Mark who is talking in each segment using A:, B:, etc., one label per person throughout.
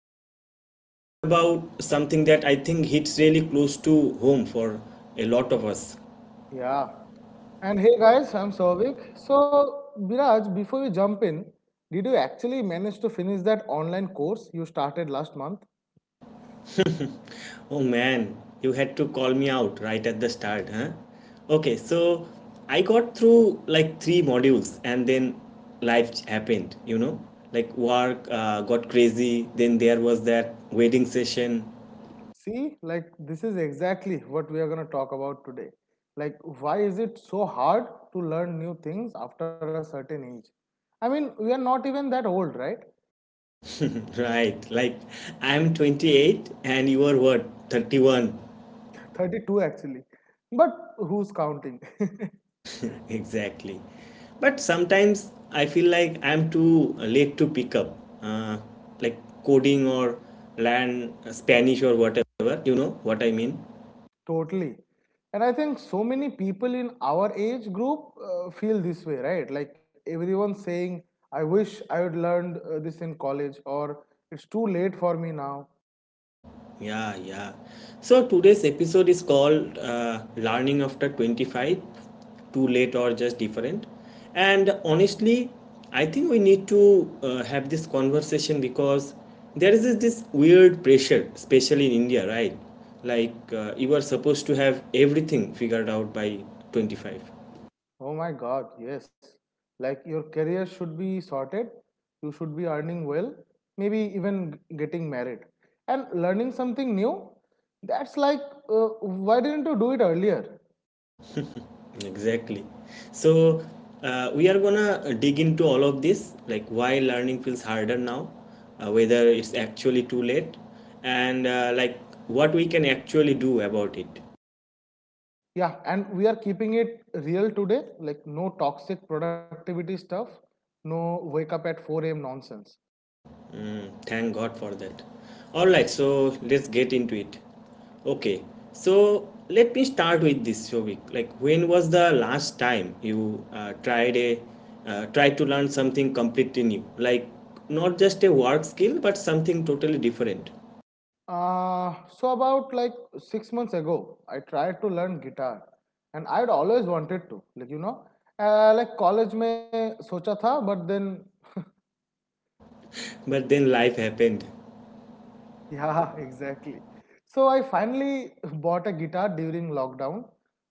A: today we are talking about something that I think hits really close to home for a lot of us.
B: Yeah. And hey guys, I'm Souvik. So, Biraj, before we jump in, did you actually manage to finish that online course you started last month?
A: Oh man, you had to call me out right at the start, huh? Okay, so I got through like three modules, and then life happened, like work got crazy, then there was that wedding session.
B: See, like this is exactly what we are going to talk about today. Like, why is it so hard to learn new things after a certain age? I mean, we are not even that old, right?
A: Right, like I'm 28 and you are what, 31?
B: 32 actually. But who's counting?
A: Exactly. But sometimes I feel like I'm too late to pick up, uh, like coding or learn Spanish or whatever, you know what I mean?
B: Totally. And I think so many people in our age group feel this way, right? Like everyone saying, I wish I had learned this in college, or it's too late for me now.
A: Yeah, yeah. So today's episode is called Learning After 25, Too Late or Just Different. And honestly, I think we need to have this conversation because there is this weird pressure, especially in India, right? Like you are supposed to have everything figured out by 25.
B: Oh my God, yes. Like your career should be sorted, you should be earning well, maybe even getting married. And learning something new, that's like, why didn't you do it earlier?
A: Exactly. So we are gonna dig into all of this, like why learning feels harder now, whether it's actually too late, and like what we can actually do about it.
B: Yeah, and we are keeping it real today, like no toxic productivity stuff, no wake up at 4 a.m. nonsense.
A: Thank God for that. All right, so let's get into it. Okay, so let me start with this, Shobik. Like, when was the last time you tried to learn something completely new, like not just a work skill, but something totally different?
B: So about like 6 months ago, I tried to learn guitar, and I'd always wanted to, like like college में सोचा था, but then
A: But then life happened.
B: yeah, exactly. So I finally bought a guitar during lockdown.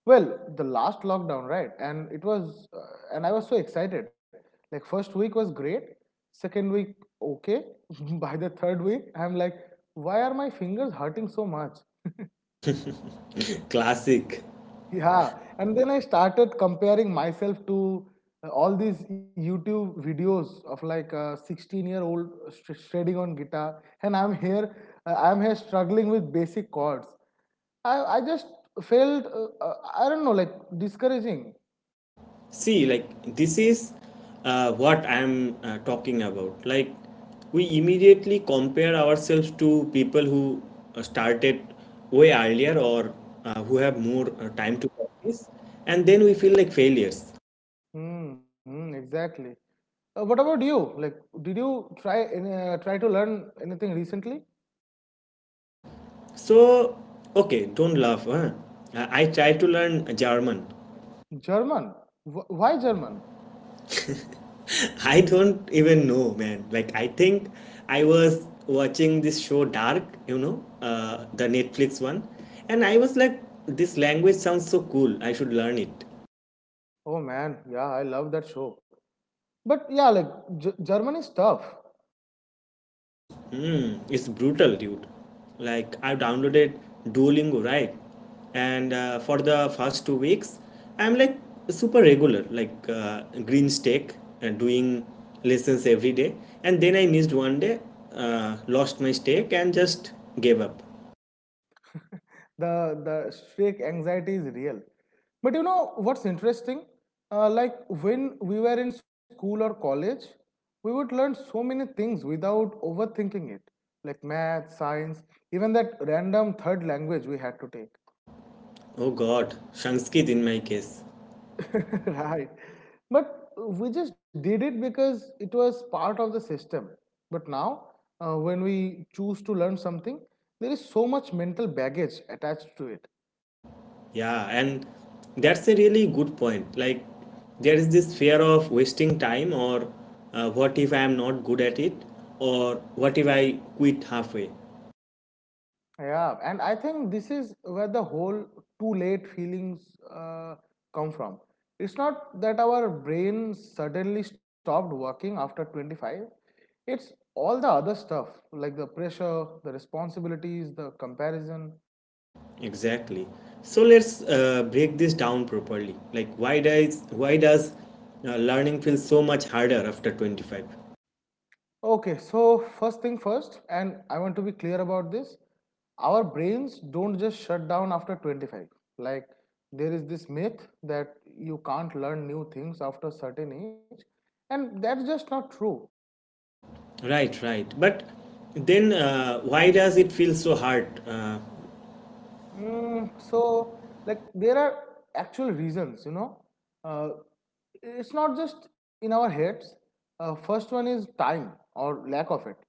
B: Well, the last lockdown, right? And it was, and I was so excited. Like, first week was great. Second week, okay. By the third week, I'm like, why are my fingers hurting so much?
A: Classic.
B: Yeah, and then I started comparing myself to all these YouTube videos of like a 16-year-old shredding on guitar, and I'm here struggling with basic chords. I just felt I don't know, like discouraging.
A: See, like, this is what I'm talking about. Like, we immediately compare ourselves to people who started way earlier or who have more time to practice, and then we feel like failures.
B: Mm-hmm, exactly. What about you? Like, did you try to learn anything recently?
A: So, okay, don't laugh. Huh? I tried to learn German.
B: German. Why German?
A: I don't even know, man. Like, I think I was watching this show Dark, the Netflix one, and I was like, this language sounds so cool. I should learn it.
B: Oh man, yeah, I love that show. But yeah, like German is tough.
A: Hmm, it's brutal, dude. Like, I downloaded Duolingo, right? And for the first 2 weeks, I'm like super regular, like green stake, and doing lessons every day. And then I missed one day, lost my stake, and just gave up.
B: The streak anxiety is real, but you know what's interesting, like when we were in school or college, we would learn so many things without overthinking it, like math, science, even that random third language we had to
A: Oh God, Sanskrit in my case.
B: take. Right, but we just did it because it was part of the system. But now, when we choose to learn something, there is so much mental baggage attached to it.
A: Yeah, and that's a really good point. Like, there is this fear of wasting time, or what if I am not good at it, or what if I quit halfway?
B: Yeah, and I think this is where the whole too late feelings come from. It's not that our brain suddenly stopped working after 25, it's all the other stuff like the pressure, the responsibilities, the comparison.
A: Exactly. So let's break this down properly. Like, why does learning feel so much harder after 25?
B: Okay, so first thing first, and I want to be clear about this. Our brains don't just shut down after 25. Like, there is this myth that you can't learn new things after a certain age, and that's just not true.
A: Right, right. But then why does it feel so hard?
B: Mm, so, like, there are actual reasons, you know. Uh, it's not just in our heads. First one is time or lack of it.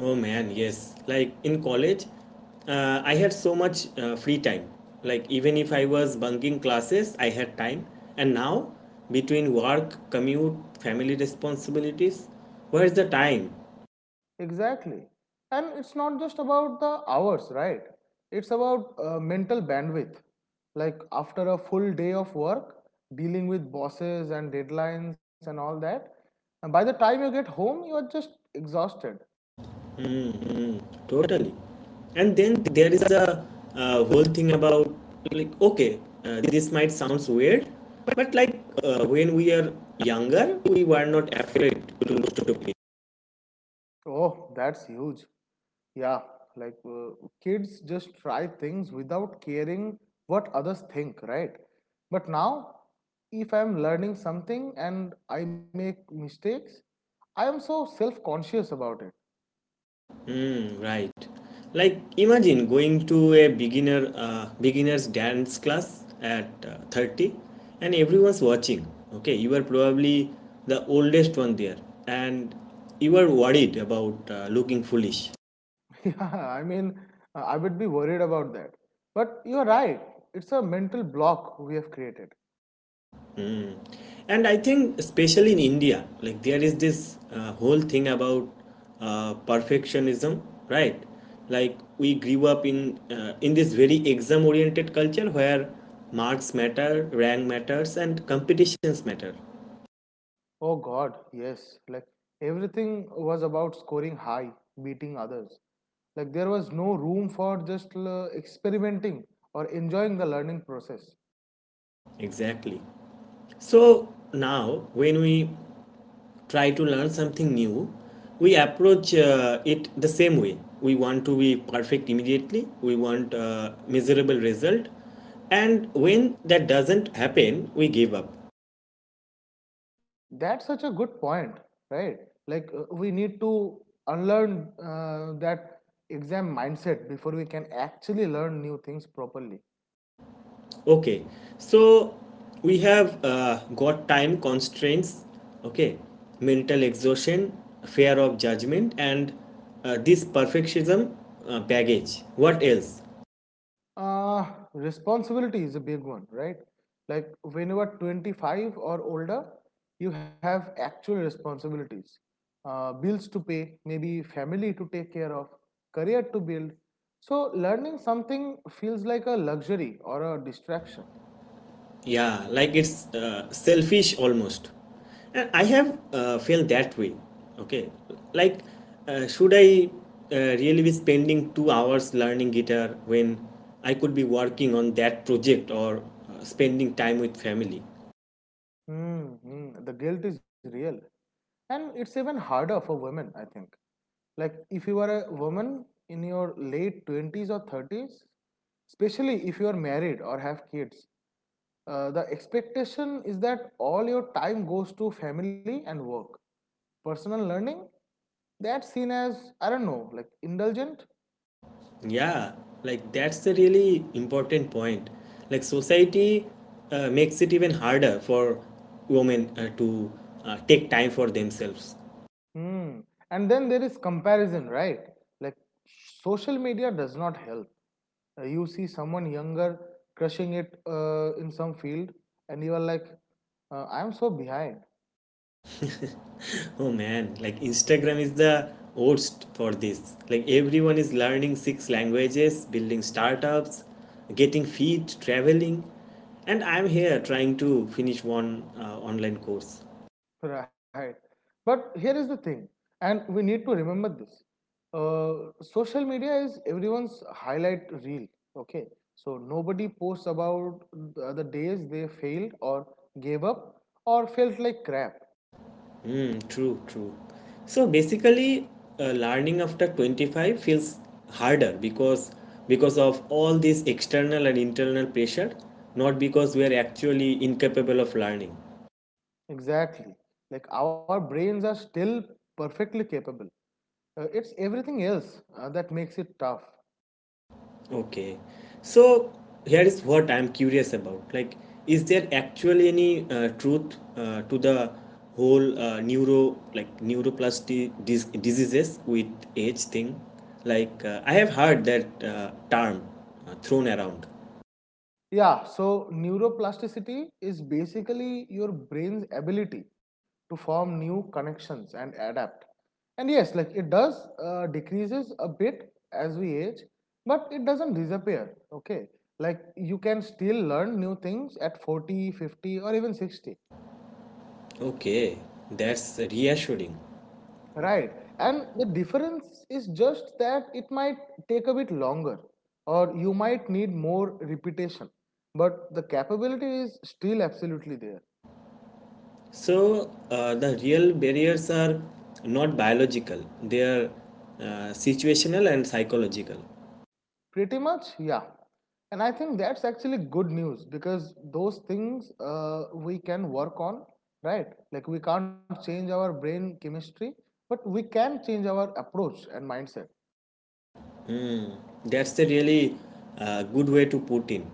A: Oh man, yes. Like in college, I had so much free time. Like even if I was bunking classes, I had time. And now, between work, commute, family responsibilities, where is the time?
B: Exactly. And it's not just about the hours, right? It's about mental bandwidth. Like after a full day of work, dealing with bosses and deadlines and all that, and by the time you get home, you are just exhausted.
A: Totally. And then there is a whole thing about like okay, this might sounds weird, but like when we are younger, we were not afraid to look to.
B: Oh, that's huge. Yeah, like kids just try things without caring what others think, right? But now, if I'm learning something and I make mistakes, I am so self-conscious about it.
A: Mm, right. Like imagine going to a beginners dance class at 30, and everyone's watching. Okay, you are probably the oldest one there and you are worried about looking foolish.
B: Yeah, I mean, I would be worried about that. But you're right, it's a mental block we have created.
A: Mm. And I think especially in India, like there is this whole thing about perfectionism, right? Like we grew up in this very exam oriented culture where marks matter, rank matters, and competitions matter.
B: Oh God, yes. Like everything was about scoring high, beating others. Like there was no room for just experimenting or enjoying the learning process.
A: Exactly. So now when we try to learn something new, we approach it the same way. We want to be perfect immediately, we want a measurable result, and when that doesn't happen, we give up.
B: That's such a good point, right? Like we need to unlearn that exam mindset before we can actually learn new things properly.
A: Okay, so we have got time constraints, okay, mental exhaustion, fear of judgment, and this perfectionism baggage. What else?
B: Uh, responsibility is a big one, right? Like when you are 25 or older, you have actual responsibilities. Bills to pay, maybe family to take care of, career to build. So learning something feels like a luxury or a distraction.
A: Yeah, like it's selfish almost. And I have felt that way. Okay, like should I really be spending 2 hours learning guitar when I could be working on that project or spending time with family?
B: Mm-hmm. The guilt is real. And it's even harder for women, I think. Like if you are a woman in your late 20s or 30s, especially if you are married or have kids, the expectation is that all your time goes to family and work. Personal learning, that's seen as, I don't know, like indulgent.
A: Yeah, like that's a really important point. Like society makes it even harder for women to take time for themselves.
B: Hmm. And then there is comparison, right? Like social media does not help. You see someone younger crushing it in some field, and you are like, I'm so behind.
A: Oh man, like Instagram is the worst for this. Like everyone is learning six languages, building startups, getting fit, traveling, and I'm here trying to finish one online course.
B: Right. But here is the thing, and we need to remember this. Social media is everyone's highlight reel. Okay. So nobody posts about the other days they failed or gave up or felt like crap.
A: Hmm, true, true. So basically, learning after 25 feels harder because of all this external and internal pressure, not because we are actually incapable of learning.
B: Exactly. Like our brains are still perfectly capable. It's everything else that makes it tough.
A: Okay. So here is what I'm curious about. Like, is there actually any truth to the whole neuro like neuroplasty diseases with age thing? Like, I have heard that term thrown around.
B: Yeah, so neuroplasticity is basically your brain's ability to form new connections and adapt. And yes, like it does decreases a bit as we age, but it doesn't disappear. Okay, like you can still learn new things at 40, 50, or even 60,
A: Okay, that's reassuring.
B: right? And the difference is just that it might take a bit longer, or you might need more repetition, but the capability is still absolutely there.
A: So, the real barriers are not biological, they are uh, situational and psychological.
B: Pretty much, yeah. And I think that's actually good news because those things we can work on, right? Like we can't change our brain chemistry, but we can change our approach and mindset.
A: Mm, that's a really good way to put in.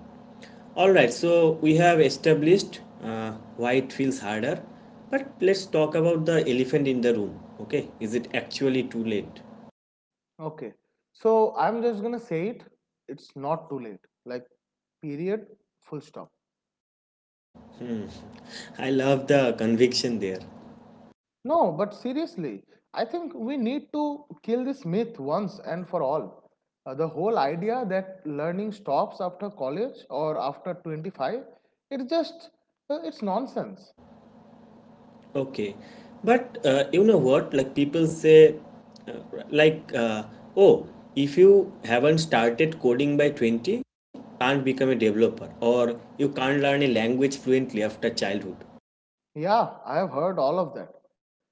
A: All right, so we have established why it feels harder, but let's talk about the elephant in the room. Okay, is it actually too late?
B: Okay. So I'm just going to say it. It's not too late. Like, period, full stop.
A: Hmm. I love the conviction there.
B: No, but seriously, I think we need to kill this myth once and for all. The whole idea that learning stops after college or after 25, it's just, it's nonsense.
A: Okay, but you know what? Like people say, uh, like, oh, if you haven't started coding by 20, can't become a developer or you can't learn a language fluently after childhood.
B: Yeah, I have heard all of that.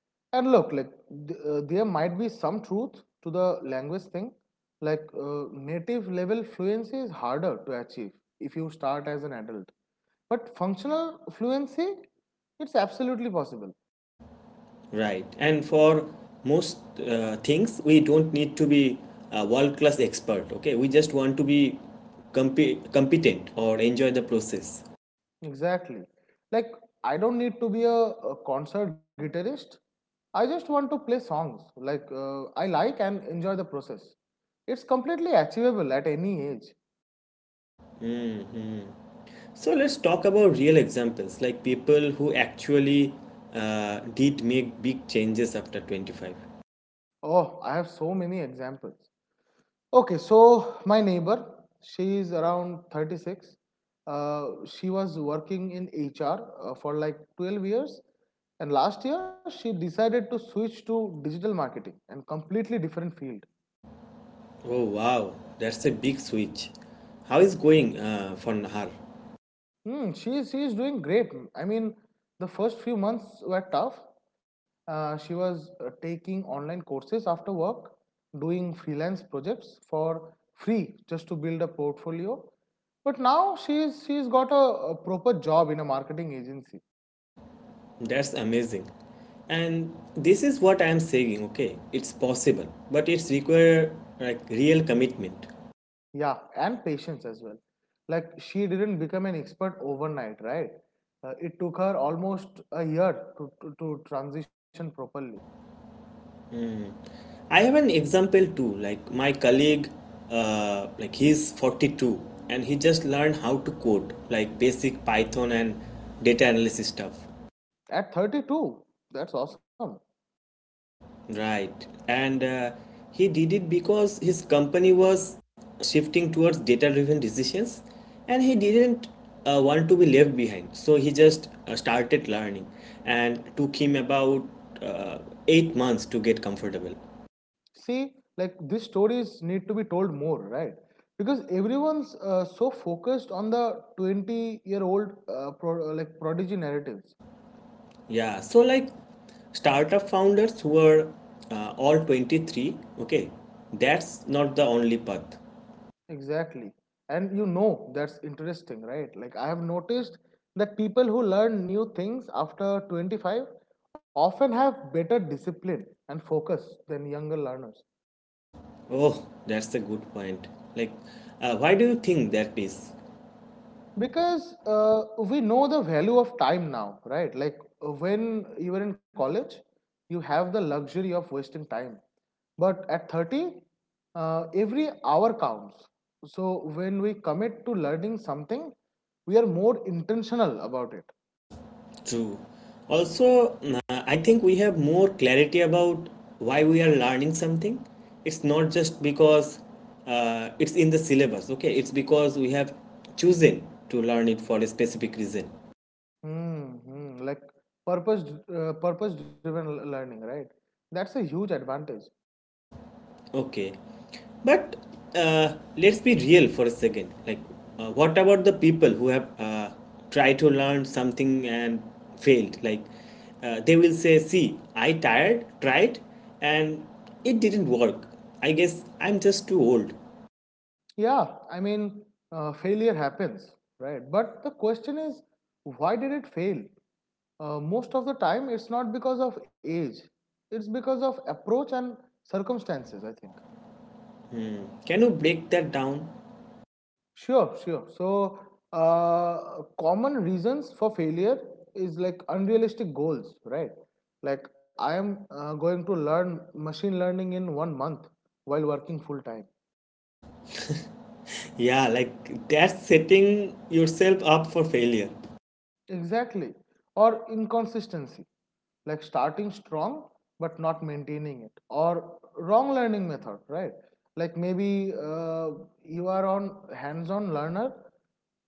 B: And look, like there might be some truth to the language thing. Like native level fluency is harder to achieve if you start as an adult. But functional fluency, it's absolutely possible.
A: Right. And for most things, we don't need to be a world-class expert. Okay. We just want to be competent or enjoy the process.
B: Exactly. Like, I don't need to be a concert guitarist. I just want to play songs like I like and enjoy the process. It's completely achievable at any age.
A: So let's talk about real examples, like people who actually did make big changes after 25.
B: Oh, I have so many examples. Okay, so my neighbor, she is around 36. She was working in HR for like 12 years. And last year, she decided to switch to digital marketing and completely different field.
A: Oh, wow. That's a big switch. How is going for Nahar?
B: Hmm, she is doing great. I mean, the first few months were tough. She was taking online courses after work, doing freelance projects for free just to build a portfolio. But now she's got a proper job in a marketing agency.
A: That's amazing. And this is what I am saying, okay? It's possible, but it's require like real commitment.
B: Yeah, and patience as well. Like she didn't become an expert overnight, right? It took her almost a year to transition properly.
A: I have an example too. Like my colleague, like he's 42 and he just learned how to code, like basic Python and data analysis stuff.
B: At 32, that's awesome.
A: Right. And he did it because his company was shifting towards data driven decisions and he didn't want to be left behind. So he just started learning and took him about uh, 8 months to get comfortable.
B: See, like these stories need to be told more, right? Because everyone's so focused on the 20-year-old like prodigy narratives.
A: Yeah, so like startup founders who are all 23, okay, that's not the only path.
B: Exactly. And you know that's interesting, right? Like I have noticed that people who learn new things after 25 often have better discipline and focus than younger learners.
A: Oh, that's a good point. Like, why do you think that is
B: Because we know the value of time now, right? Like when you were in college, you have the luxury of wasting time. But at 30, every hour counts. So when we commit to learning something, we are more intentional about it.
A: true? Also, I think we have more clarity about why we are learning something. It's not just because it's in the syllabus, okay, it's because we have chosen to learn it for a specific reason.
B: Mm-hmm. Like purpose, purpose-driven learning, right? That's a huge advantage.
A: Okay, but let's be real for a second. Like, what about the people who have tried to learn something and failed? Like, they will say, "See, I tried, and it didn't work. I guess I'm just too old."
B: Yeah, I mean, failure happens, right? But the question is, why did it fail? Most of the time, it's not because of age, it's because of approach and circumstances, I think.
A: Can you break that down?
B: Sure, sure. So, common reasons for failure is like unrealistic goals, right? Like, I am going to learn machine learning in 1 month while working full time.
A: Yeah, like that's setting yourself up for failure
B: Exactly. Or inconsistency, like starting strong but not maintaining it. Or wrong learning method, right? Like maybe you are on hands-on learner,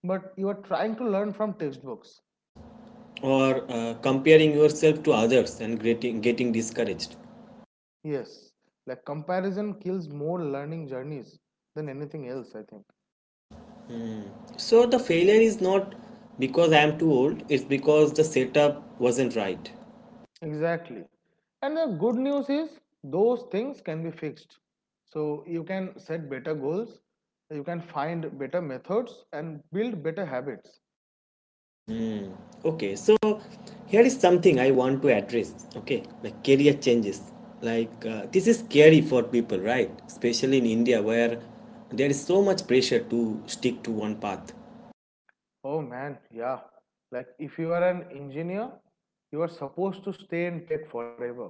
B: but you are trying to learn from textbooks.
A: or comparing yourself to others and getting discouraged.
B: Yes, like comparison kills more learning journeys than anything else, I think.
A: So the failure is not because I am too old, it's because the setup wasn't right.
B: Exactly. And the good news is those things can be fixed. So you can set better goals, you can find better methods and build better habits.
A: Okay, so here is something I want to address. Okay, like career changes. Like this is scary for people, right? Especially in India where there is so much pressure to stick to one path.
B: Oh man, yeah. Like if you are an engineer, you are supposed to stay in tech forever.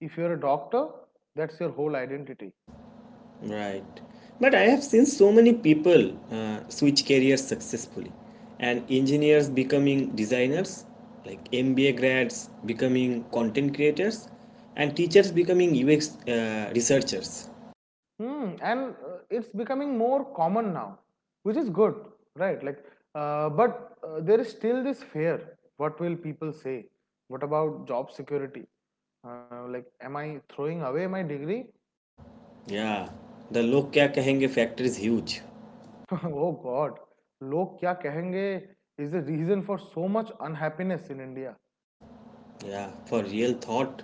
B: If you're a doctor, that's your whole identity.
A: Right. But I have seen so many people switch careers successfully and engineers becoming designers, like MBA grads becoming content creators, and teachers becoming UX researchers.
B: Hmm, and it's becoming more common now, which is good, right? Like, but there is still this fear. What will people say? What about job security? Like, am I throwing away my degree?
A: Yeah, the log kya kahenge factor is huge.
B: Oh God, लोग क्या कहेंगे is the reason for so much unhappiness in India.
A: Yeah, for real thought.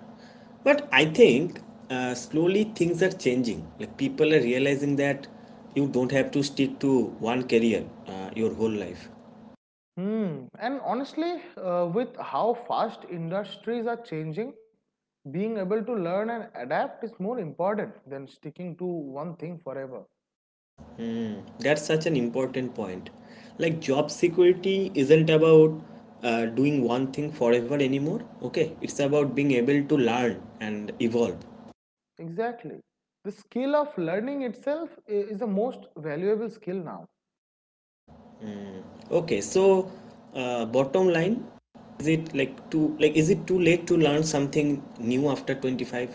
A: But I think slowly things are changing. Like people are realizing that you don't have to stick to one career your whole life.
B: Hmm. And honestly, with how fast industries are changing, being able to learn and adapt is more important than sticking to one thing forever.
A: That's such an important point. Like, job security isn't about doing one thing forever anymore. Okay, it's about being able to learn and evolve.
B: Exactly. The skill of learning itself is the most valuable skill now.
A: Okay, so bottom line, is it too late to learn something new after 25?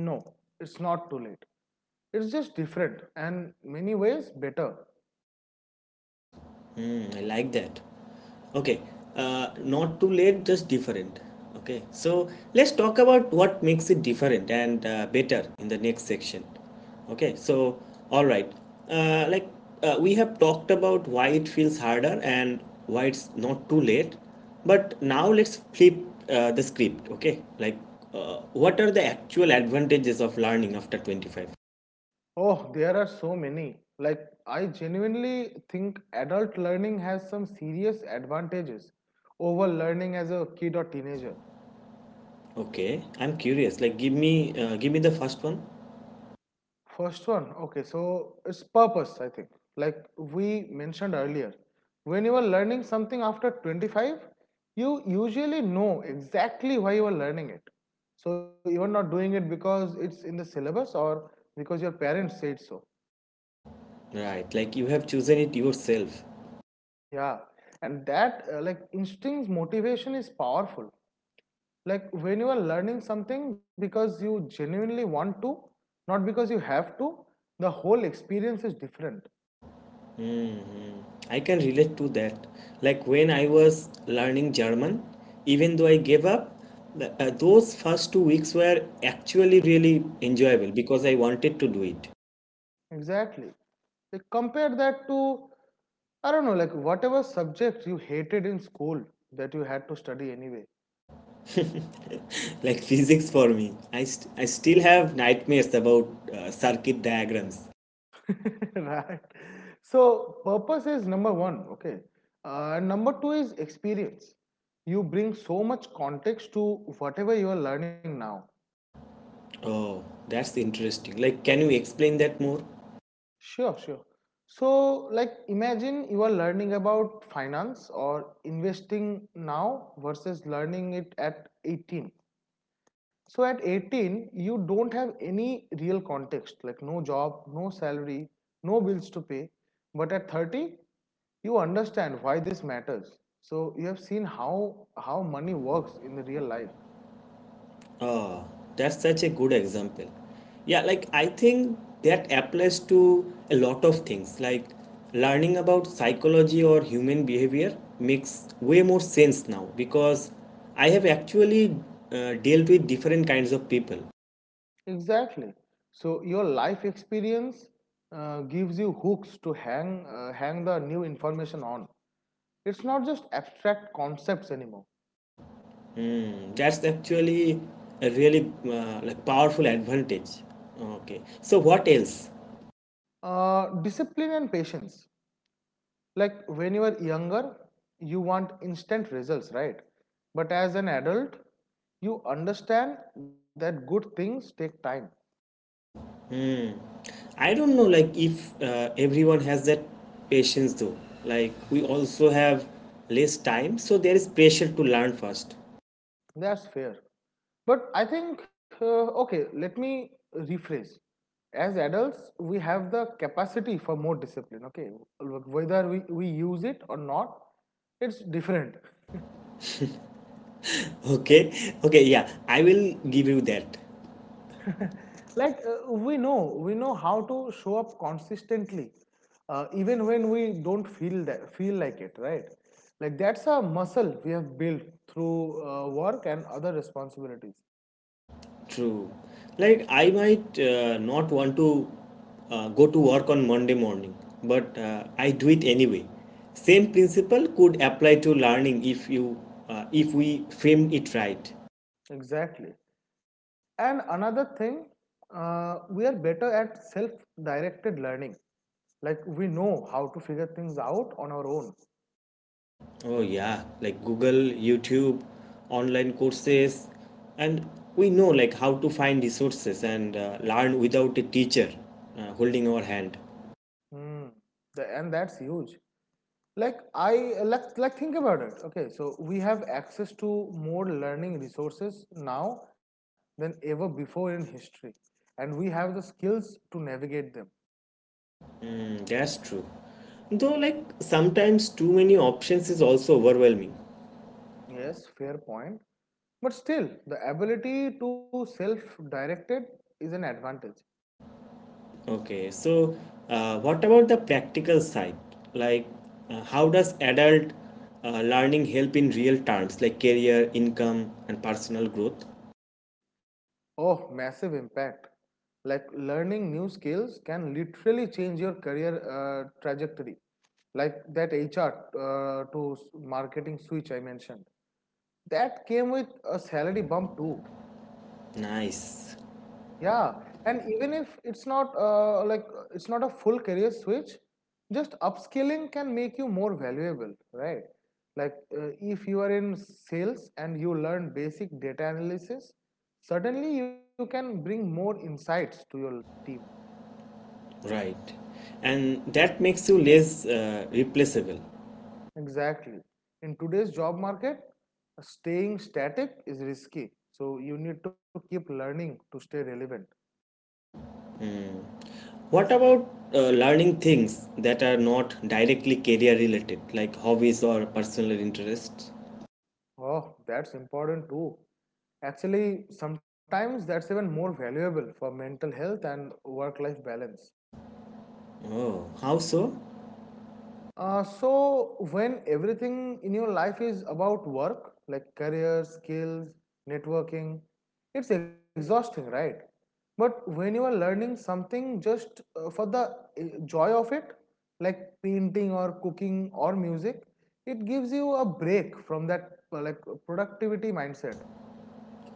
B: No, it's not too late. It's just different and many ways better.
A: Hmm, I like that. Okay, not too late, just different. Okay, so let's talk about what makes it different and better in the next section. Okay, so all right, like we have talked about why it feels harder and why it's not too late, but now let's flip the script. Okay, like what are the actual advantages of learning after 25?
B: Oh, there are so many. Like, I genuinely think adult learning has some serious advantages over learning as a kid or teenager.
A: Okay, I'm curious. Like, give me the first one.
B: First one, okay, so it's purpose, I think. Like we mentioned earlier, when you are learning something after 25, you usually know exactly why you are learning it. So you are not doing it because it's in the syllabus or because your parents said so.
A: Right, like you have chosen it yourself.
B: Yeah, and that like instincts motivation is powerful. Like when you are learning something because you genuinely want to, not because you have to, the whole experience is different.
A: I can relate to that. Like when I was learning German, even though I gave up, those first 2 weeks were actually really enjoyable because I wanted to do it.
B: Exactly. Like compare that to I don't know, like whatever subject you hated in school that you had to study anyway,
A: Like physics for me, I still have nightmares about circuit diagrams.
B: right? So purpose is number one, okay. And number two is experience. You bring so much context to whatever you are learning now.
A: Oh, that's interesting. Like, can you explain that more?
B: Sure, sure. So like imagine you are learning about finance or investing now versus learning it at 18. So at 18, you don't have any real context, like no job, no salary, no bills to pay. But at 30, you understand why this matters. So you have seen how money works in the real life.
A: Oh, that's such a good example. Yeah, like I think that applies to a lot of things. Like learning about psychology or human behavior makes way more sense now because I have actually dealt with different kinds of people.
B: Exactly. So your life experience gives you hooks to hang the new information on. It's not just abstract concepts anymore.
A: Hmm, that's actually a really powerful advantage. Okay, so what else?
B: Discipline and patience. Like when you are younger, you want instant results, right? But as an adult, you understand that good things take time.
A: I don't know, like if everyone has that patience though. Like we also have less time, so there is pressure to learn fast.
B: That's fair, but I think okay, let me rephrase. As adults, we have the capacity for more discipline, okay, whether we use it or not. It's different.
A: Okay, okay, yeah, I will give you that.
B: Like we know how to show up consistently, even when we don't feel like it, right? Like that's a muscle we have built through work and other responsibilities.
A: True. Like I might not want to go to work on Monday morning, but I do it anyway. Same principle could apply to learning if you if we frame it right.
B: Exactly. And another thing, we are better at self directed learning. Like we know how to figure things out on our own.
A: Oh, yeah, like Google, YouTube, online courses, and we know like how to find resources and learn without a teacher holding our hand.
B: Hmm. And that's huge. Like I think about it, okay? So we have access to more learning resources now than ever before in history, and we have the skills to navigate them.
A: Mm, that's true. Though, like sometimes too many options is also overwhelming.
B: Yes, fair point, but still the ability to self direct it is an advantage.
A: Okay, so what about the practical side? Like, how does adult learning help in real terms, like career, income, and personal growth?
B: Oh, massive impact. Like learning new skills can literally change your career trajectory. Like that HR to marketing switch I mentioned, that came with a salary bump too.
A: Nice.
B: Yeah, and even if it's not it's not a full career switch, just upskilling can make you more valuable, right? Like if you are in sales and you learn basic data analysis, suddenly you can bring more insights to your team.
A: Right. And that makes you less replaceable.
B: Exactly. In today's job market, staying static is risky, so you need to keep learning to stay relevant.
A: What about learning things that are not directly career related, like hobbies or personal interests?
B: Oh, that's important too. Actually, sometimes that's even more valuable for mental health and work life balance.
A: Oh, how so?
B: So, when everything in your life is about work, like career, skills, networking, it's exhausting, right? But when you are learning something just for the joy of it, like painting or cooking or music, it gives you a break from that productivity mindset.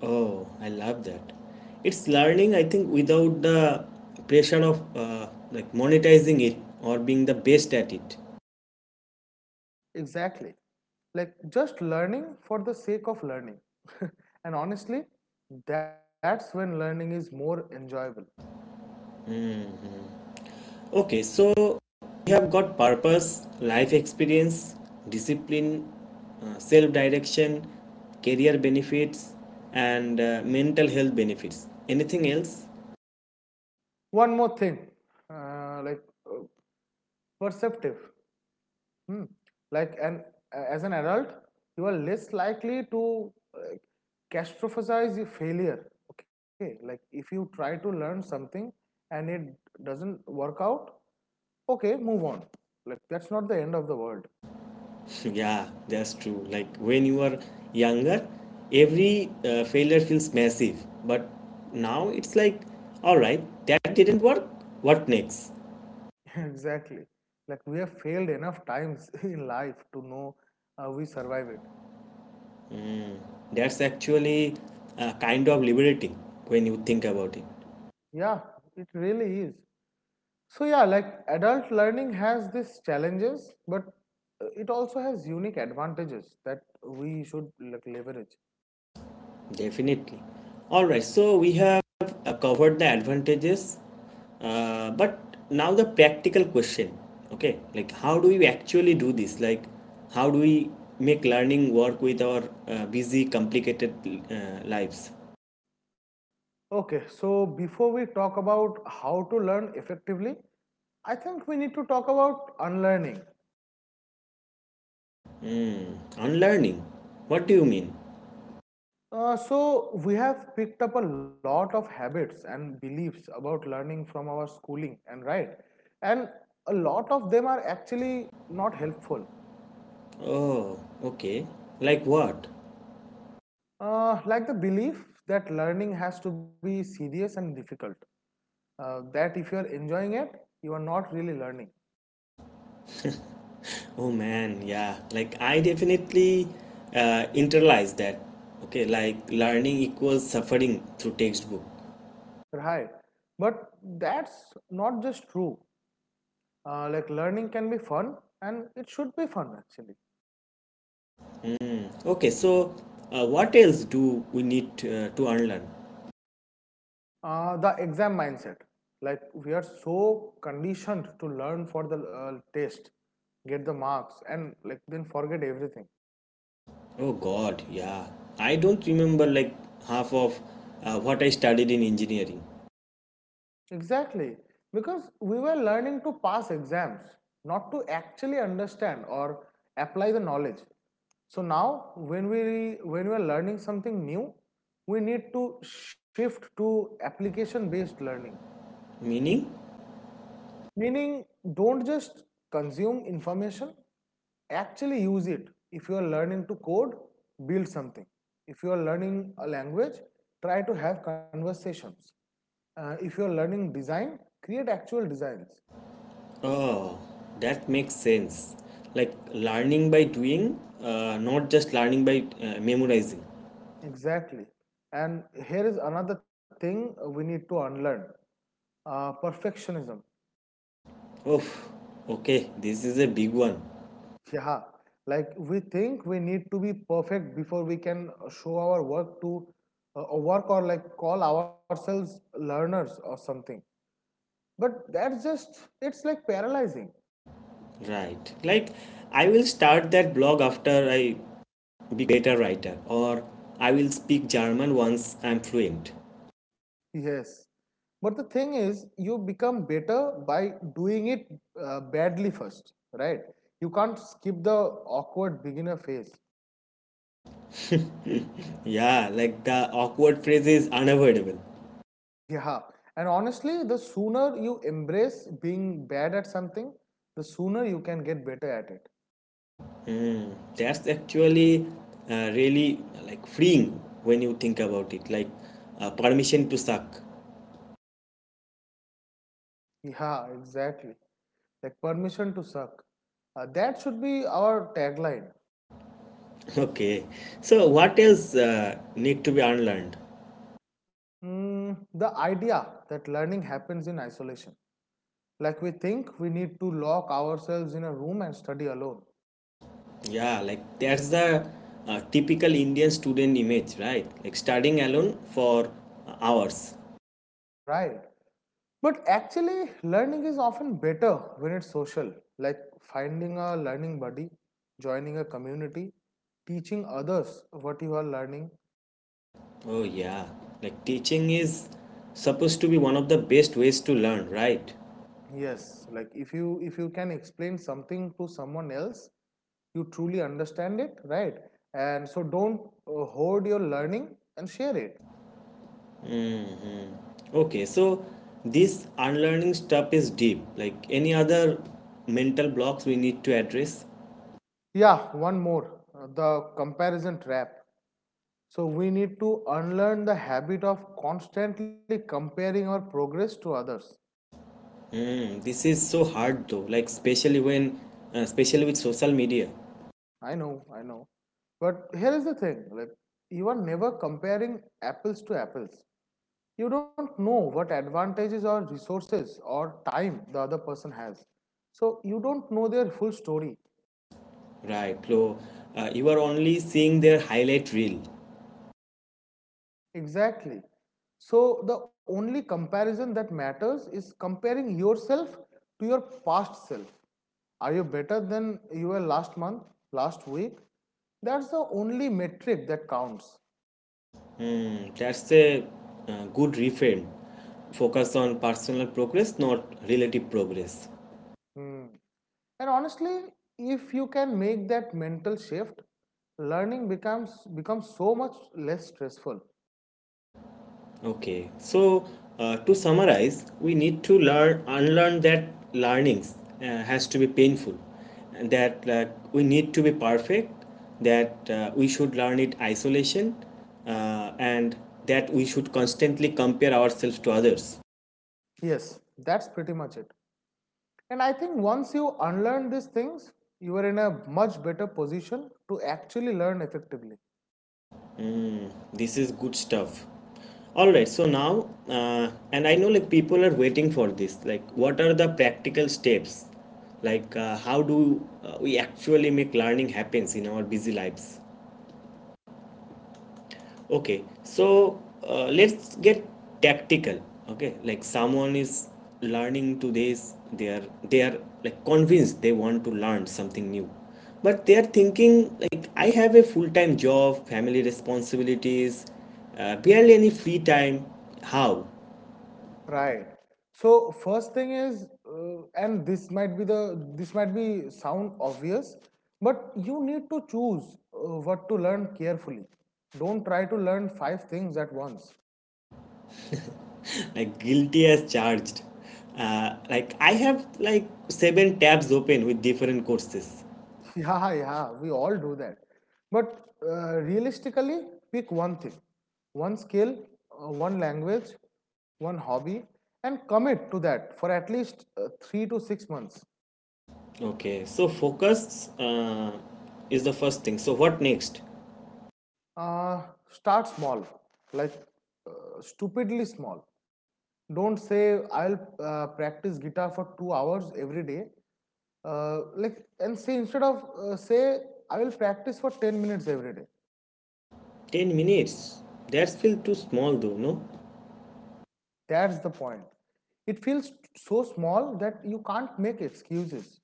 A: Oh, I love that. It's learning, I think, without the pressure of monetizing it or being the best at it.
B: Exactly. Like just learning for the sake of learning. And honestly, that's when learning is more enjoyable.
A: Okay, so we have got purpose, life experience, discipline, self direction, career benefits, and mental health benefits. Anything else?
B: One more thing, uh, like uh, perceptive. Hmm. Like an adult, you are less likely to catastrophize your failure. Okay, like if you try to learn something and it doesn't work out, okay, move on. Like that's not the end of the world.
A: Yeah, that's true. Like when you are younger, every failure feels massive, but now it's like, all right, that didn't work, what next?
B: Exactly, like we have failed enough times in life to know we survive it.
A: That's actually kind of liberating when you think about it.
B: Yeah, it really is. So yeah, like adult learning has these challenges, but it also has unique advantages that we should like leverage.
A: Definitely. All right, so we have covered the advantages, but now the practical question. Okay, like how do we actually do this? Like, how do we make learning work with our busy, complicated lives?
B: Okay, so before we talk about how to learn effectively, I think we need to talk about unlearning.
A: Unlearning? What do you mean?
B: So we have picked up a lot of habits and beliefs about learning from our schooling and right, and a lot of them are actually not helpful.
A: Oh, okay. Like what?
B: Like the belief that learning has to be serious and difficult, that if you are enjoying it, you are not really learning.
A: Oh man, yeah. Like I definitely internalize that. Okay, like learning equals suffering through textbook.
B: Right, but that's not just true. Like learning can be fun, and it should be fun actually.
A: Mm. Okay, so what else do we need to unlearn?
B: The exam mindset. Like we are so conditioned to learn for the test, get the marks, and like then forget everything.
A: Oh God, yeah. I don't remember like half of what I studied in engineering.
B: Exactly, because we were learning to pass exams, not to actually understand or apply the knowledge. So now when we are learning something new, we need to shift to application based learning.
A: Meaning?
B: Meaning, don't just consume information, actually use it. If you are learning to code, build something. If you are learning a language, try to have conversations. If you are learning design, create actual designs.
A: Oh, that makes sense. Like learning by doing, not just learning by memorizing.
B: Exactly. And here is another thing we need to unlearn, perfectionism.
A: Oh, okay, this is a big one.
B: Yeah, like we think we need to be perfect before we can show our work to work or like call ourselves learners or something. But that's just it's like paralyzing.
A: Right. Like I will start that blog after I be better writer, or I will speak German once I'm fluent.
B: Yes. But the thing is, you become better by doing it badly first, right? You can't skip the awkward beginner phase.
A: Yeah, like the awkward phrase is unavoidable.
B: Yeah. And honestly, the sooner you embrace being bad at something, the sooner you can get better at it.
A: That's actually really like freeing when you think about it, like permission to suck.
B: Yeah, exactly. Like permission to suck. That should be our tagline.
A: Okay, so what else need to be unlearned?
B: Mm, the idea that learning happens in isolation. Like we think we need to lock ourselves in a room and study alone.
A: Yeah, like that's the typical Indian student image, right? Like studying alone for hours.
B: Right. But actually, learning is often better when it's social, like finding a learning buddy, joining a community, teaching others what you are learning.
A: Oh yeah, like teaching is supposed to be one of the best ways to learn, right?
B: Yes, like if you can explain something to someone else, you truly understand it, right? And so don't hoard your learning, and share it.
A: Okay, so this unlearning stuff is deep. Like any other mental blocks we need to address.
B: Yeah, one more, the comparison trap. So we need to unlearn the habit of constantly comparing our progress to others.
A: Hmm, this is so hard though. Like especially with social media,
B: I know, I know. But here is the thing, like you are never comparing apples to apples. You don't know what advantages or resources or time the other person has. So you don't know their full story.
A: right? So you are only seeing their highlight reel.
B: Exactly. So the only comparison that matters is comparing yourself to your past self. Are you better than you were last month, last week? That's the only metric that counts.
A: Hmm, that's a good reframe. Focus on personal progress, not relative progress.
B: Hmm. And honestly, if you can make that mental shift, learning becomes so much less stressful.
A: Okay, so to summarize, we need to learn unlearn that learnings has to be painful, and that we need to be perfect, that we should learn it isolation, and that we should constantly compare ourselves to others.
B: Yes, that's pretty much it. And I think once you unlearn these things, you are in a much better position to actually learn effectively.
A: Mm, this is good stuff. All right, so now, and I know like people are waiting for this. Like, what are the practical steps? Like, how do we actually make learning happens in our busy lives? Okay, so let's get tactical. Okay, like someone is learning today's they are like convinced they want to learn something new, but they are thinking like I have a full time job, family responsibilities, barely any free time. How?
B: Right. So first thing is, and this might be the this might be sound obvious, but you need to choose what to learn carefully. Don't try to learn five things at once.
A: Like guilty as charged. Like I have like seven tabs open with different courses.
B: Yeah, yeah, we all do that. But realistically, pick one thing, one skill, one language, one hobby, and commit to that for at least 3 to 6 months.
A: Okay, so focus is the first thing. So what next?
B: Uh, Start small, like stupidly small. Don't say, I'll practice guitar for 2 hours every day. Like, and say instead of say, I will practice for 10 minutes every day.
A: 10 minutes? That's feel too small though, no?
B: That's the point. It feels so small that you can't make excuses.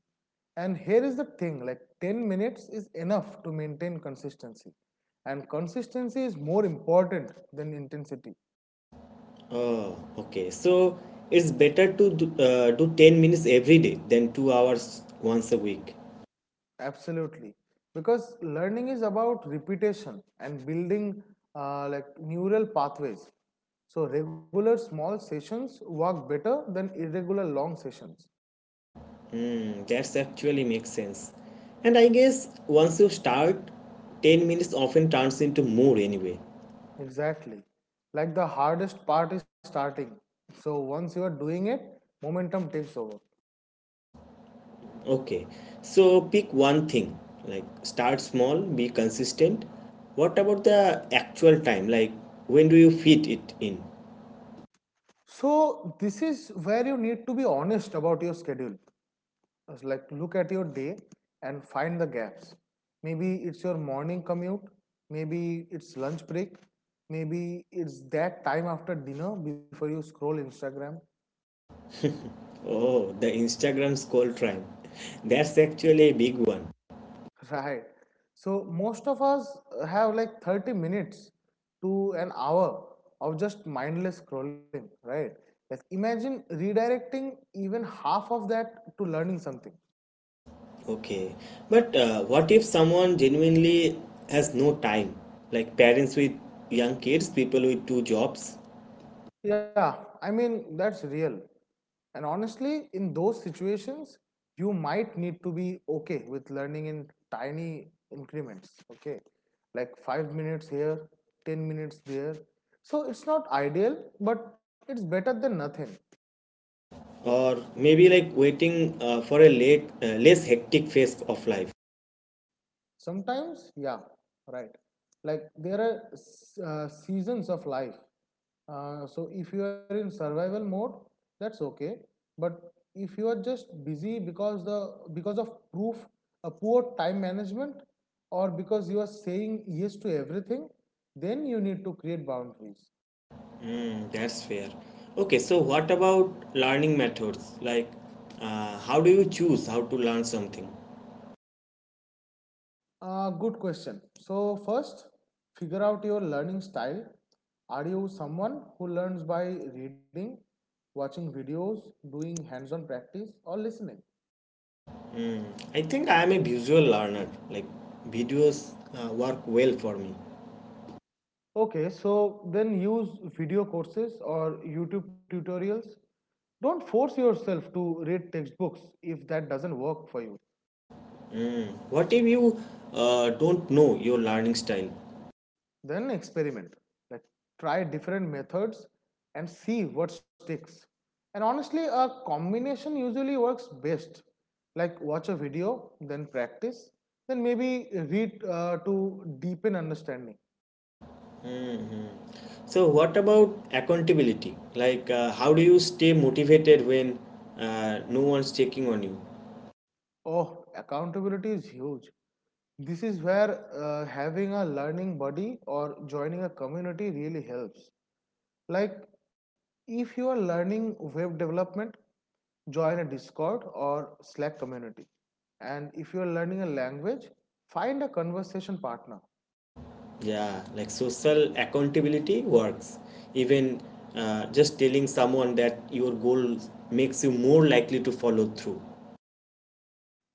B: And here is the thing, like 10 minutes is enough to maintain consistency. And consistency is more important than intensity.
A: Oh, okay. So it's better to do, 10 minutes every day than 2 hours once a week.
B: Absolutely. Because learning is about repetition and building like neural pathways. So regular small sessions work better than irregular long sessions.
A: Hmm, that's actually makes sense. And I guess once you start, 10 minutes often turns into more anyway.
B: Exactly. Like the hardest part is starting. So once you are doing it, momentum takes over.
A: Okay. So pick one thing. Like start small, be consistent. What about the actual time? Like when do you fit it in?
B: So this is where you need to be honest about your schedule. It's like look at your day and find the gaps. Maybe it's your morning commute, maybe it's lunch break, maybe it's that time after dinner before you scroll Instagram.
A: Oh, the Instagram scroll time. That's actually a big one.
B: Right. So most of us have like 30 minutes to an hour of just mindless scrolling, right? Like imagine redirecting even half of that to learning something.
A: Okay. But what if someone genuinely has no time? Like parents with young kids, people with two jobs,
B: Yeah, I mean that's real. And honestly, in those situations, you might need to be okay with learning in tiny increments, okay? Like 5 minutes here, 10 minutes there. So it's not ideal, but it's better than nothing.
A: or maybe like waiting for a less hectic phase of life.
B: Sometimes, yeah, right. Like there are seasons of life. So if you are in survival mode, that's okay. But if you are just busy because the because of proof a poor time management, or because you are saying yes to everything, then you need to create boundaries.
A: Mm, that's fair. Okay, so what about learning methods? Like, how do you choose how to learn something?
B: Good question. So, first, figure out your learning style. Are you someone who learns by reading, watching videos, doing hands on practice, or listening?
A: Mm, I think I am a visual learner. Like, videos work well for me.
B: Okay, so then use video courses or YouTube tutorials. Don't force yourself to read textbooks if that doesn't work for you.
A: Hmm. What if you don't know your learning style?
B: Then experiment, like try different methods and see what sticks. And honestly, a combination usually works best, like watch a video, then practice, then maybe read to deepen understanding.
A: Hmm. So, what about accountability? Like, how do you stay motivated when no one's checking on you?
B: Oh, accountability is huge. This is where having a learning buddy or joining a community really helps. Like, if you are learning web development, join a Discord or Slack community. And if you are learning a language, find a conversation partner.
A: Yeah, like social accountability works. Even just telling someone that your goal makes you more likely to follow through.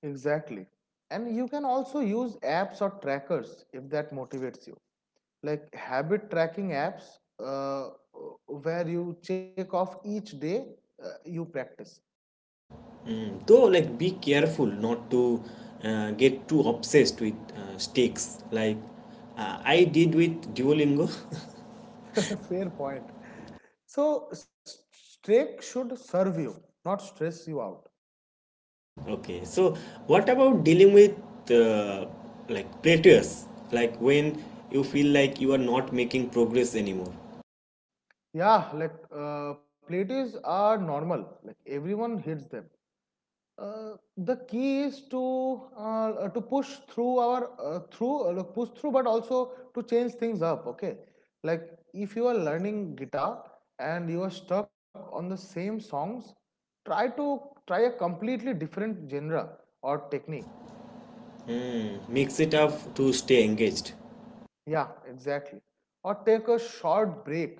B: Exactly. And you can also use apps or trackers if that motivates you. Like habit tracking apps, where you check off each day you practice.
A: Mm. Though, like, be careful not to get too obsessed with stakes. Like, I did with Duolingo.
B: Fair point. So, streak should serve you, not stress you out.
A: Okay, so what about dealing with uh, plateaus? Like when you feel like you are not making progress anymore.
B: Yeah, like plateaus are normal. Like everyone hits them. The key is to push through our through push through, but also to change things up. Okay, like if you are learning guitar and you are stuck on the same songs, try to try a completely different genre or technique.
A: Hmm, mix it up to stay engaged.
B: Yeah, exactly. Or take a short break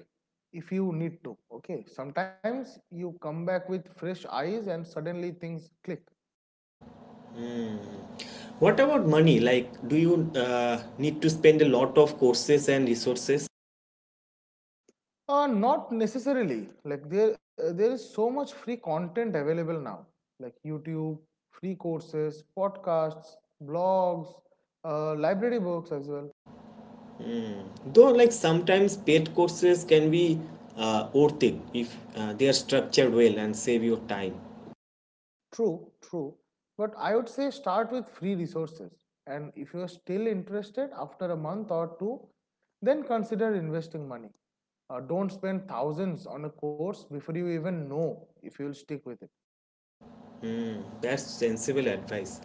B: if you need to. Okay, sometimes you come back with fresh eyes and suddenly things click.
A: What about money? Like, do you need to spend a lot of courses and resources?
B: Not necessarily. Like there is so much free content available now, like YouTube, free courses, podcasts, blogs, library books as well.
A: Though, like sometimes paid courses can be worth it if they are structured well and save your time.
B: True, true. But I would say start with free resources, and if you are still interested after a month or two, then consider investing money. Don't spend thousands on a course before you even know if you will stick with it.
A: Hmm, that's sensible advice.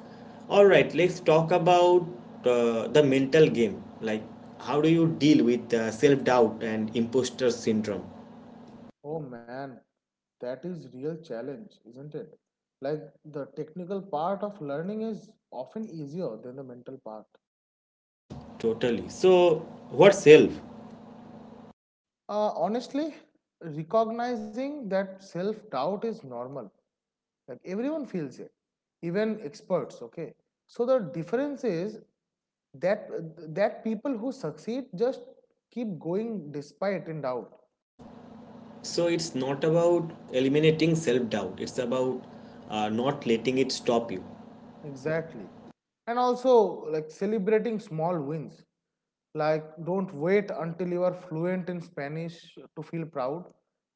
A: All right, let's talk about the mental game. Like, how do you deal with self doubt and imposter syndrome?
B: Oh man, that is real challenge, isn't it? Like the technical part of learning is often easier than the mental part.
A: Totally. So, what self?
B: Honestly, recognizing that self-doubt is normal. Like everyone feels it, even experts, okay? So the difference is that people who succeed just keep going despite in doubt.
A: So, it's not about eliminating self doubt, it's about not letting it stop you.
B: Exactly. And also, like celebrating small wins. Like, don't wait until you are fluent in Spanish to feel proud.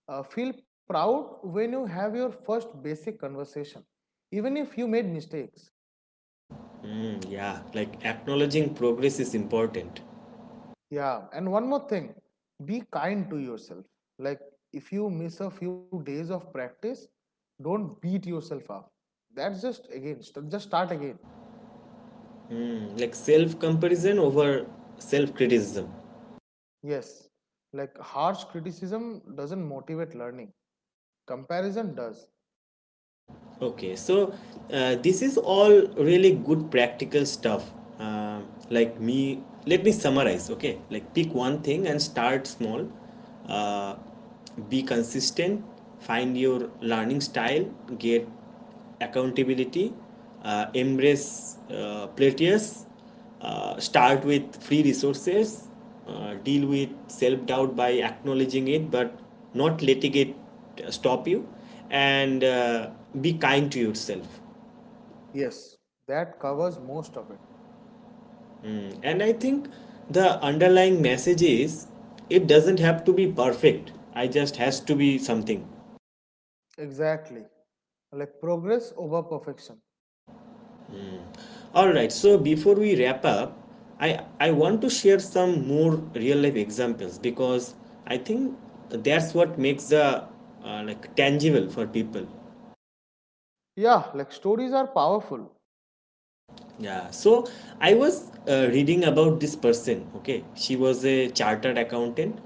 B: Feel proud when you have your first basic conversation, even if you made mistakes.
A: Hmm, yeah, like acknowledging progress is important.
B: Yeah. And one more thing, be kind to yourself. Like, if you miss a few days of practice, don't beat yourself up. That's just again, just start again.
A: Hmm, like self comparison over self criticism.
B: Yes, like harsh criticism doesn't motivate learning. Comparison does.
A: Okay, so this is all really good practical stuff. Um like me, Let me summarize. Okay, like pick one thing and start small. Uh, be consistent. Find your learning style. Get accountability, embrace plateaus, start with free resources, deal with self doubt by acknowledging it but not letting it stop you, and be kind to yourself.
B: Yes, that covers most of it.
A: Mm. And I think the underlying message is it doesn't have to be perfect, I just has to be something.
B: Exactly. Like progress over perfection.
A: All right, so before we wrap up, I want to share some more real life examples because I think that's what makes the tangible for people.
B: Yeah, like stories are powerful.
A: Yeah, so I was reading about this person. Okay, she was a chartered accountant,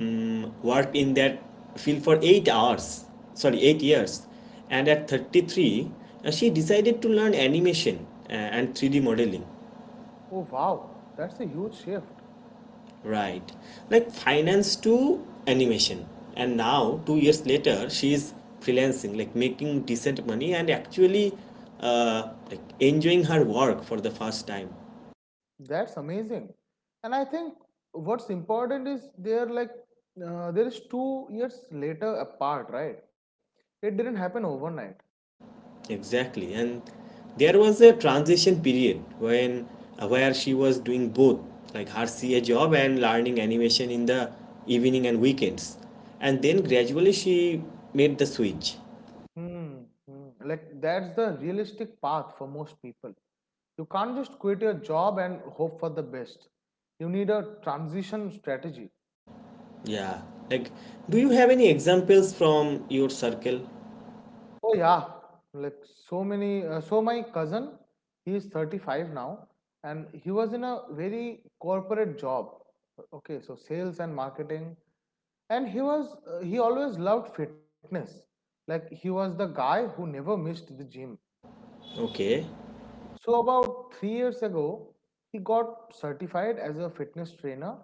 A: worked in that field for 8 hours, sorry, 8 years, and at 33, she decided to learn animation and 3D modeling.
B: Oh wow, that's a huge shift.
A: Right. Like finance to animation. And now, 2 years later, she is freelancing, like making decent money and actually enjoying her work for the first time.
B: That's amazing. And I think what's important is there is 2 years later apart, right? It didn't happen overnight.
A: Exactly. And there was a transition period when where she was doing both, like her CA job and learning animation in the evening and weekends. And then gradually she made the switch.
B: Hmm, hmm. Like that's the realistic path for most people. You can't just quit your job and hope for the best. You need a transition strategy.
A: Yeah. Like, do you have any examples from your circle?
B: Oh yeah, like so many. So my cousin, he is 35 now, and he was in a very corporate job. Okay, so sales and marketing, and he was he always loved fitness. Like he was the guy who never missed the gym.
A: Okay,
B: So about 3 years ago, he got certified as a fitness trainer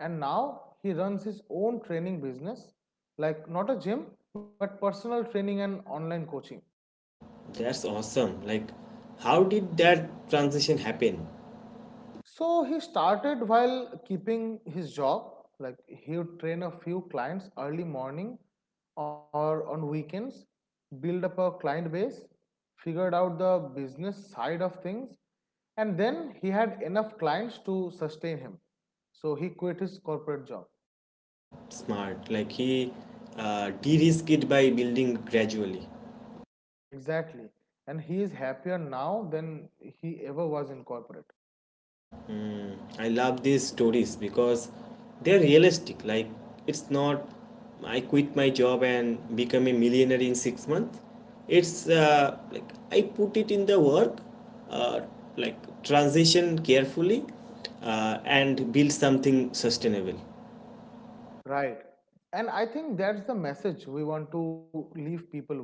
B: and now he runs his own training business, like not a gym, but personal training and online coaching.
A: that's awesome. Like, how did that transition happen?
B: So he started while keeping his job. Like he would train a few clients early morning or on weekends, build up a client base, figured out the business side of things, and then he had enough clients to sustain him. So he quit his corporate job.
A: Smart. Like, he de-risked it by building gradually.
B: Exactly. And he is happier now than he ever was in corporate.
A: I love these stories because they're realistic. Like, it's not I quit my job and become a millionaire in 6 months. It's like I put it in the work, uh, like transition carefully, and build something sustainable.
B: Right. And I think that's the message we want to leave people with.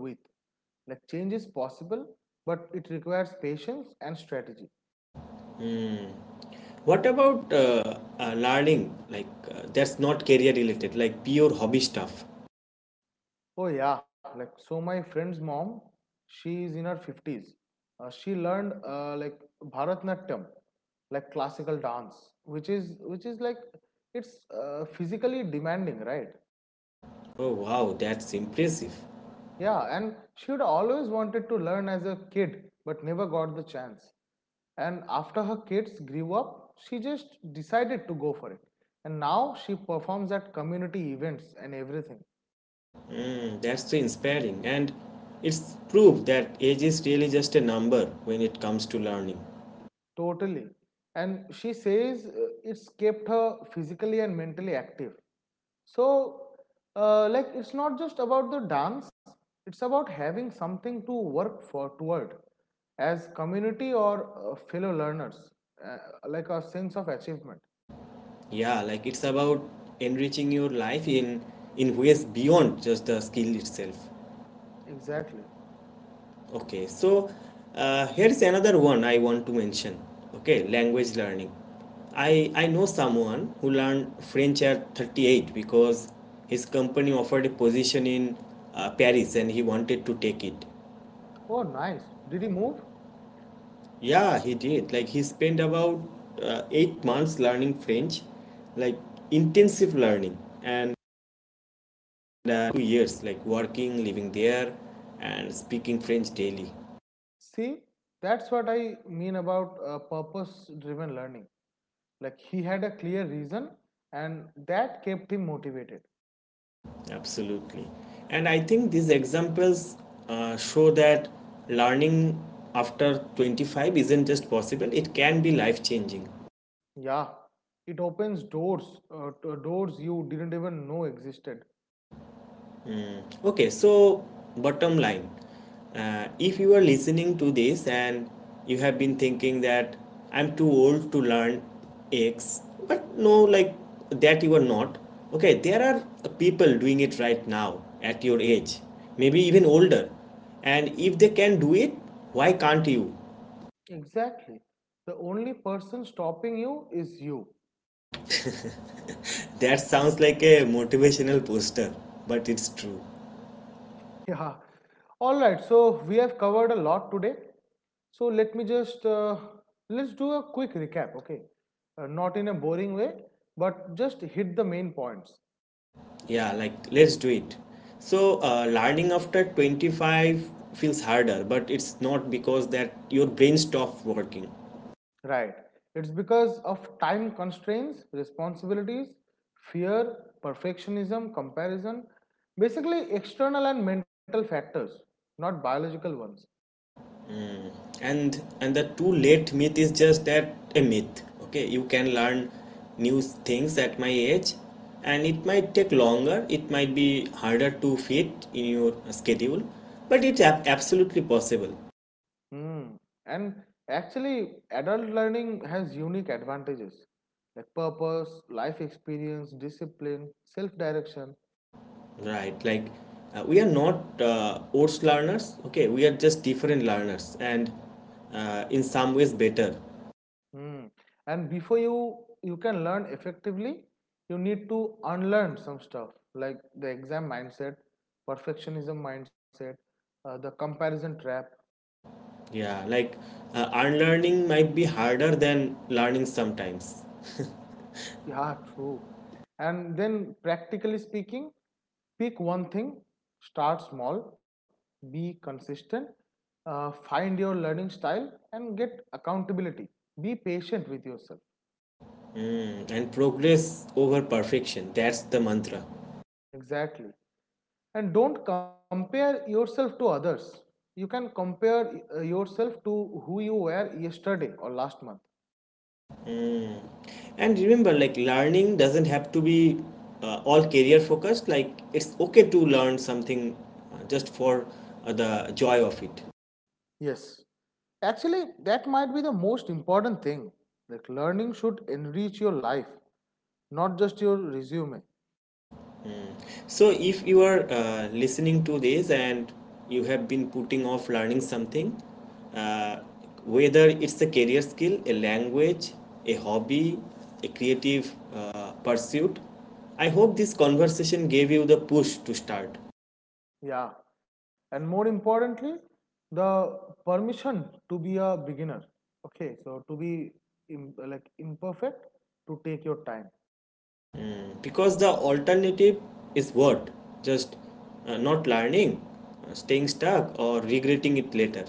B: Like, change is possible, but it requires patience and strategy.
A: What about learning? Like that's not career related, like pure hobby stuff.
B: Oh, yeah. Like, so my friend's mom, she is in her 50s. She learned like Bharatnatyam, like classical dance, which is like it's physically demanding, right?
A: Oh wow, that's impressive.
B: Yeah, and she'd always wanted to learn as a kid, but never got the chance. And after her kids grew up, she just decided to go for it. And now she performs at community events and everything.
A: Mm, that's so inspiring, and it's proof that age is really just a number when it comes to learning.
B: Totally. And she says it's kept her physically and mentally active. So, like, it's not just about the dance, it's about having something to work for toward as community or fellow learners, uh, like a sense of achievement.
A: Yeah, like it's about enriching your life in ways beyond just the skill itself.
B: Exactly.
A: Okay, so here is another one I want to mention. Okay, language learning. I know someone who learned French at 38 because his company offered a position in Paris and he wanted to take it.
B: Oh, nice. Did he move?
A: Yeah, he did. Like he spent about 8 months learning French, like intensive learning, and 2 years like working, living there, and speaking French daily.
B: See, that's what I mean about purpose driven learning. Like, he had a clear reason, and that kept him motivated.
A: Absolutely. And I think these examples show that learning after 25 isn't just possible, it can be life changing.
B: Yeah, it opens doors, doors you didn't even know existed.
A: Okay, so bottom line if you are listening to this and you have been thinking that I'm too old to learn X, but no, like that you are not. Okay, there are people doing it right now at your age, maybe even older. And if they can do it, why can't you?
B: Exactly. The only person stopping you is you.
A: That sounds like a motivational poster, but it's true.
B: Yeah. All right, so we have covered a lot today. So let me just let's do a quick recap, okay? Not in a boring way, but just hit the main points.
A: Yeah, like let's do it. So, learning after 25 feels harder, but it's not because that your brain stopped working.
B: Right. It's because of time constraints, responsibilities, fear, perfectionism, comparison, basically external and mental factors, not biological ones.
A: And the too late myth is just that a myth. Okay, you can learn new things at my age and it might take longer, it might be harder to fit in your schedule, but it's absolutely possible.
B: Hmm. And actually, adult learning has unique advantages like purpose, life experience, discipline, self direction.
A: Right, like we are not oats learners, okay? We are just different learners and in some ways better.
B: Mm. And before you can learn effectively, you need to unlearn some stuff like the exam mindset, perfectionism mindset, the comparison trap.
A: Yeah, like unlearning might be harder than learning sometimes.
B: Yeah, true. And then practically speaking, pick one thing, start small, be consistent, find your learning style, and get accountability. Be patient with yourself.
A: Mm, and progress over perfection, that's the mantra.
B: Exactly. And don't compare yourself to others. You can compare yourself to who you were yesterday or last month.
A: And remember, like learning doesn't have to be all career focused, like it's okay to learn something just for the joy of it.
B: Yes. Actually, that might be the most important thing. Like learning should enrich your life, not just your resume.
A: So, if you are listening to this and you have been putting off learning something, uh, whether it's a career skill, a language, a hobby, a creative pursuit, I hope this conversation gave you the push to start.
B: Yeah. And more importantly, the permission to be a beginner. Okay, so to be like imperfect, to take your time.
A: Because the alternative is what? Just not learning, staying stuck, or regretting it later.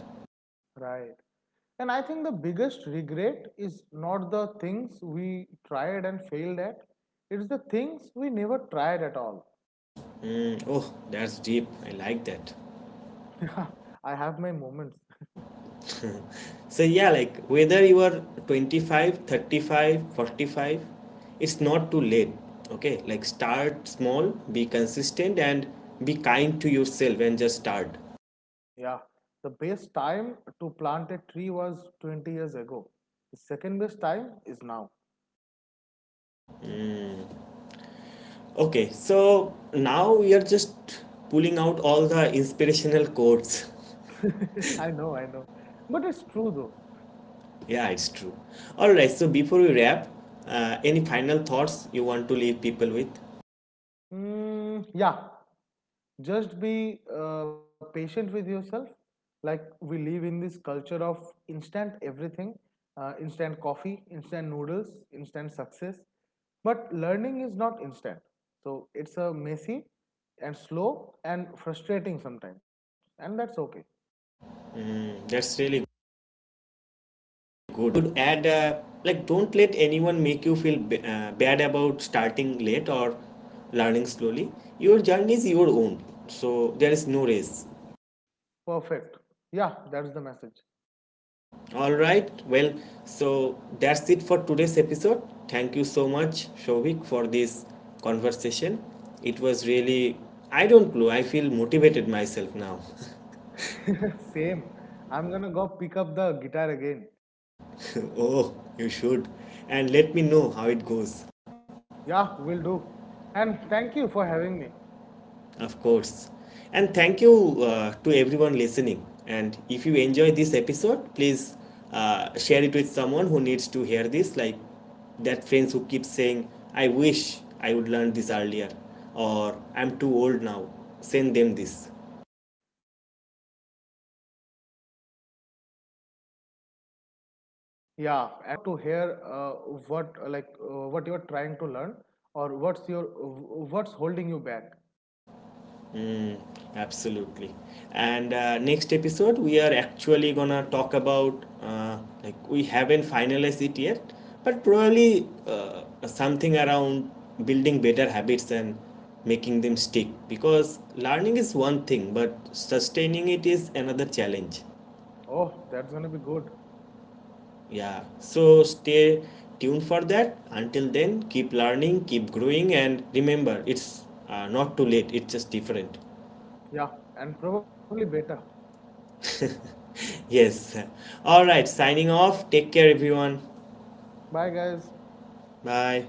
B: Right. And I think the biggest regret is not the things we tried and failed at, it's the things we never tried at all.
A: Mm, oh, that's deep. I like that.
B: Yeah, I have my moments.
A: So yeah, like whether you are 25, 35, 45, it's not too late. Okay, like start small, be consistent, and be kind to yourself, and just start.
B: Yeah. The best time to plant a tree was 20 years ago. The second best time is now.
A: Okay, so now we are just pulling out all the inspirational quotes.
B: I know, I know. But it's true though.
A: Yeah, it's true. All right, so before we wrap, any final thoughts you want to leave people with?
B: Mm, yeah. Just be patient with yourself. Like we live in this culture of instant everything, instant coffee, instant noodles, instant success, but learning is not instant. So it's a messy and slow and frustrating sometimes, and that's okay.
A: Mm, that's really good. Would add don't let anyone make you feel bad about starting late or learning slowly. Your journey is your own, so there is no race.
B: Perfect. Yeah, that's the message.
A: All right. Well, so that's it for today's episode. Thank you so much, Shovik, for this conversation. It was really I don't know. I feel motivated myself now.
B: Same. I'm gonna go pick up the guitar again.
A: Oh, you should. And let me know how it goes.
B: Yeah, will do. And thank you for having me.
A: Of course. And thank you to everyone listening. And if you enjoy this episode, please share it with someone who needs to hear this, like that friends who keep saying, I wish I would learn this earlier, or I'm too old now. Send them this.
B: Yeah, and you can leave us your thoughts or questions. We would love to hear what you are trying to learn, or what's holding you back.
A: Absolutely. And next episode, we are actually gonna talk about we haven't finalized it yet, but probably something around building better habits and making them stick. Because learning is one thing, but sustaining it is another challenge.
B: Oh, that's gonna be good.
A: Yeah. So stay tuned for that. Until then, keep learning, keep growing, and remember, it's not too late. It's just different.
B: Yeah, and probably better.
A: Yes. All right, signing off. Take care, everyone.
B: Bye, guys.
A: Bye.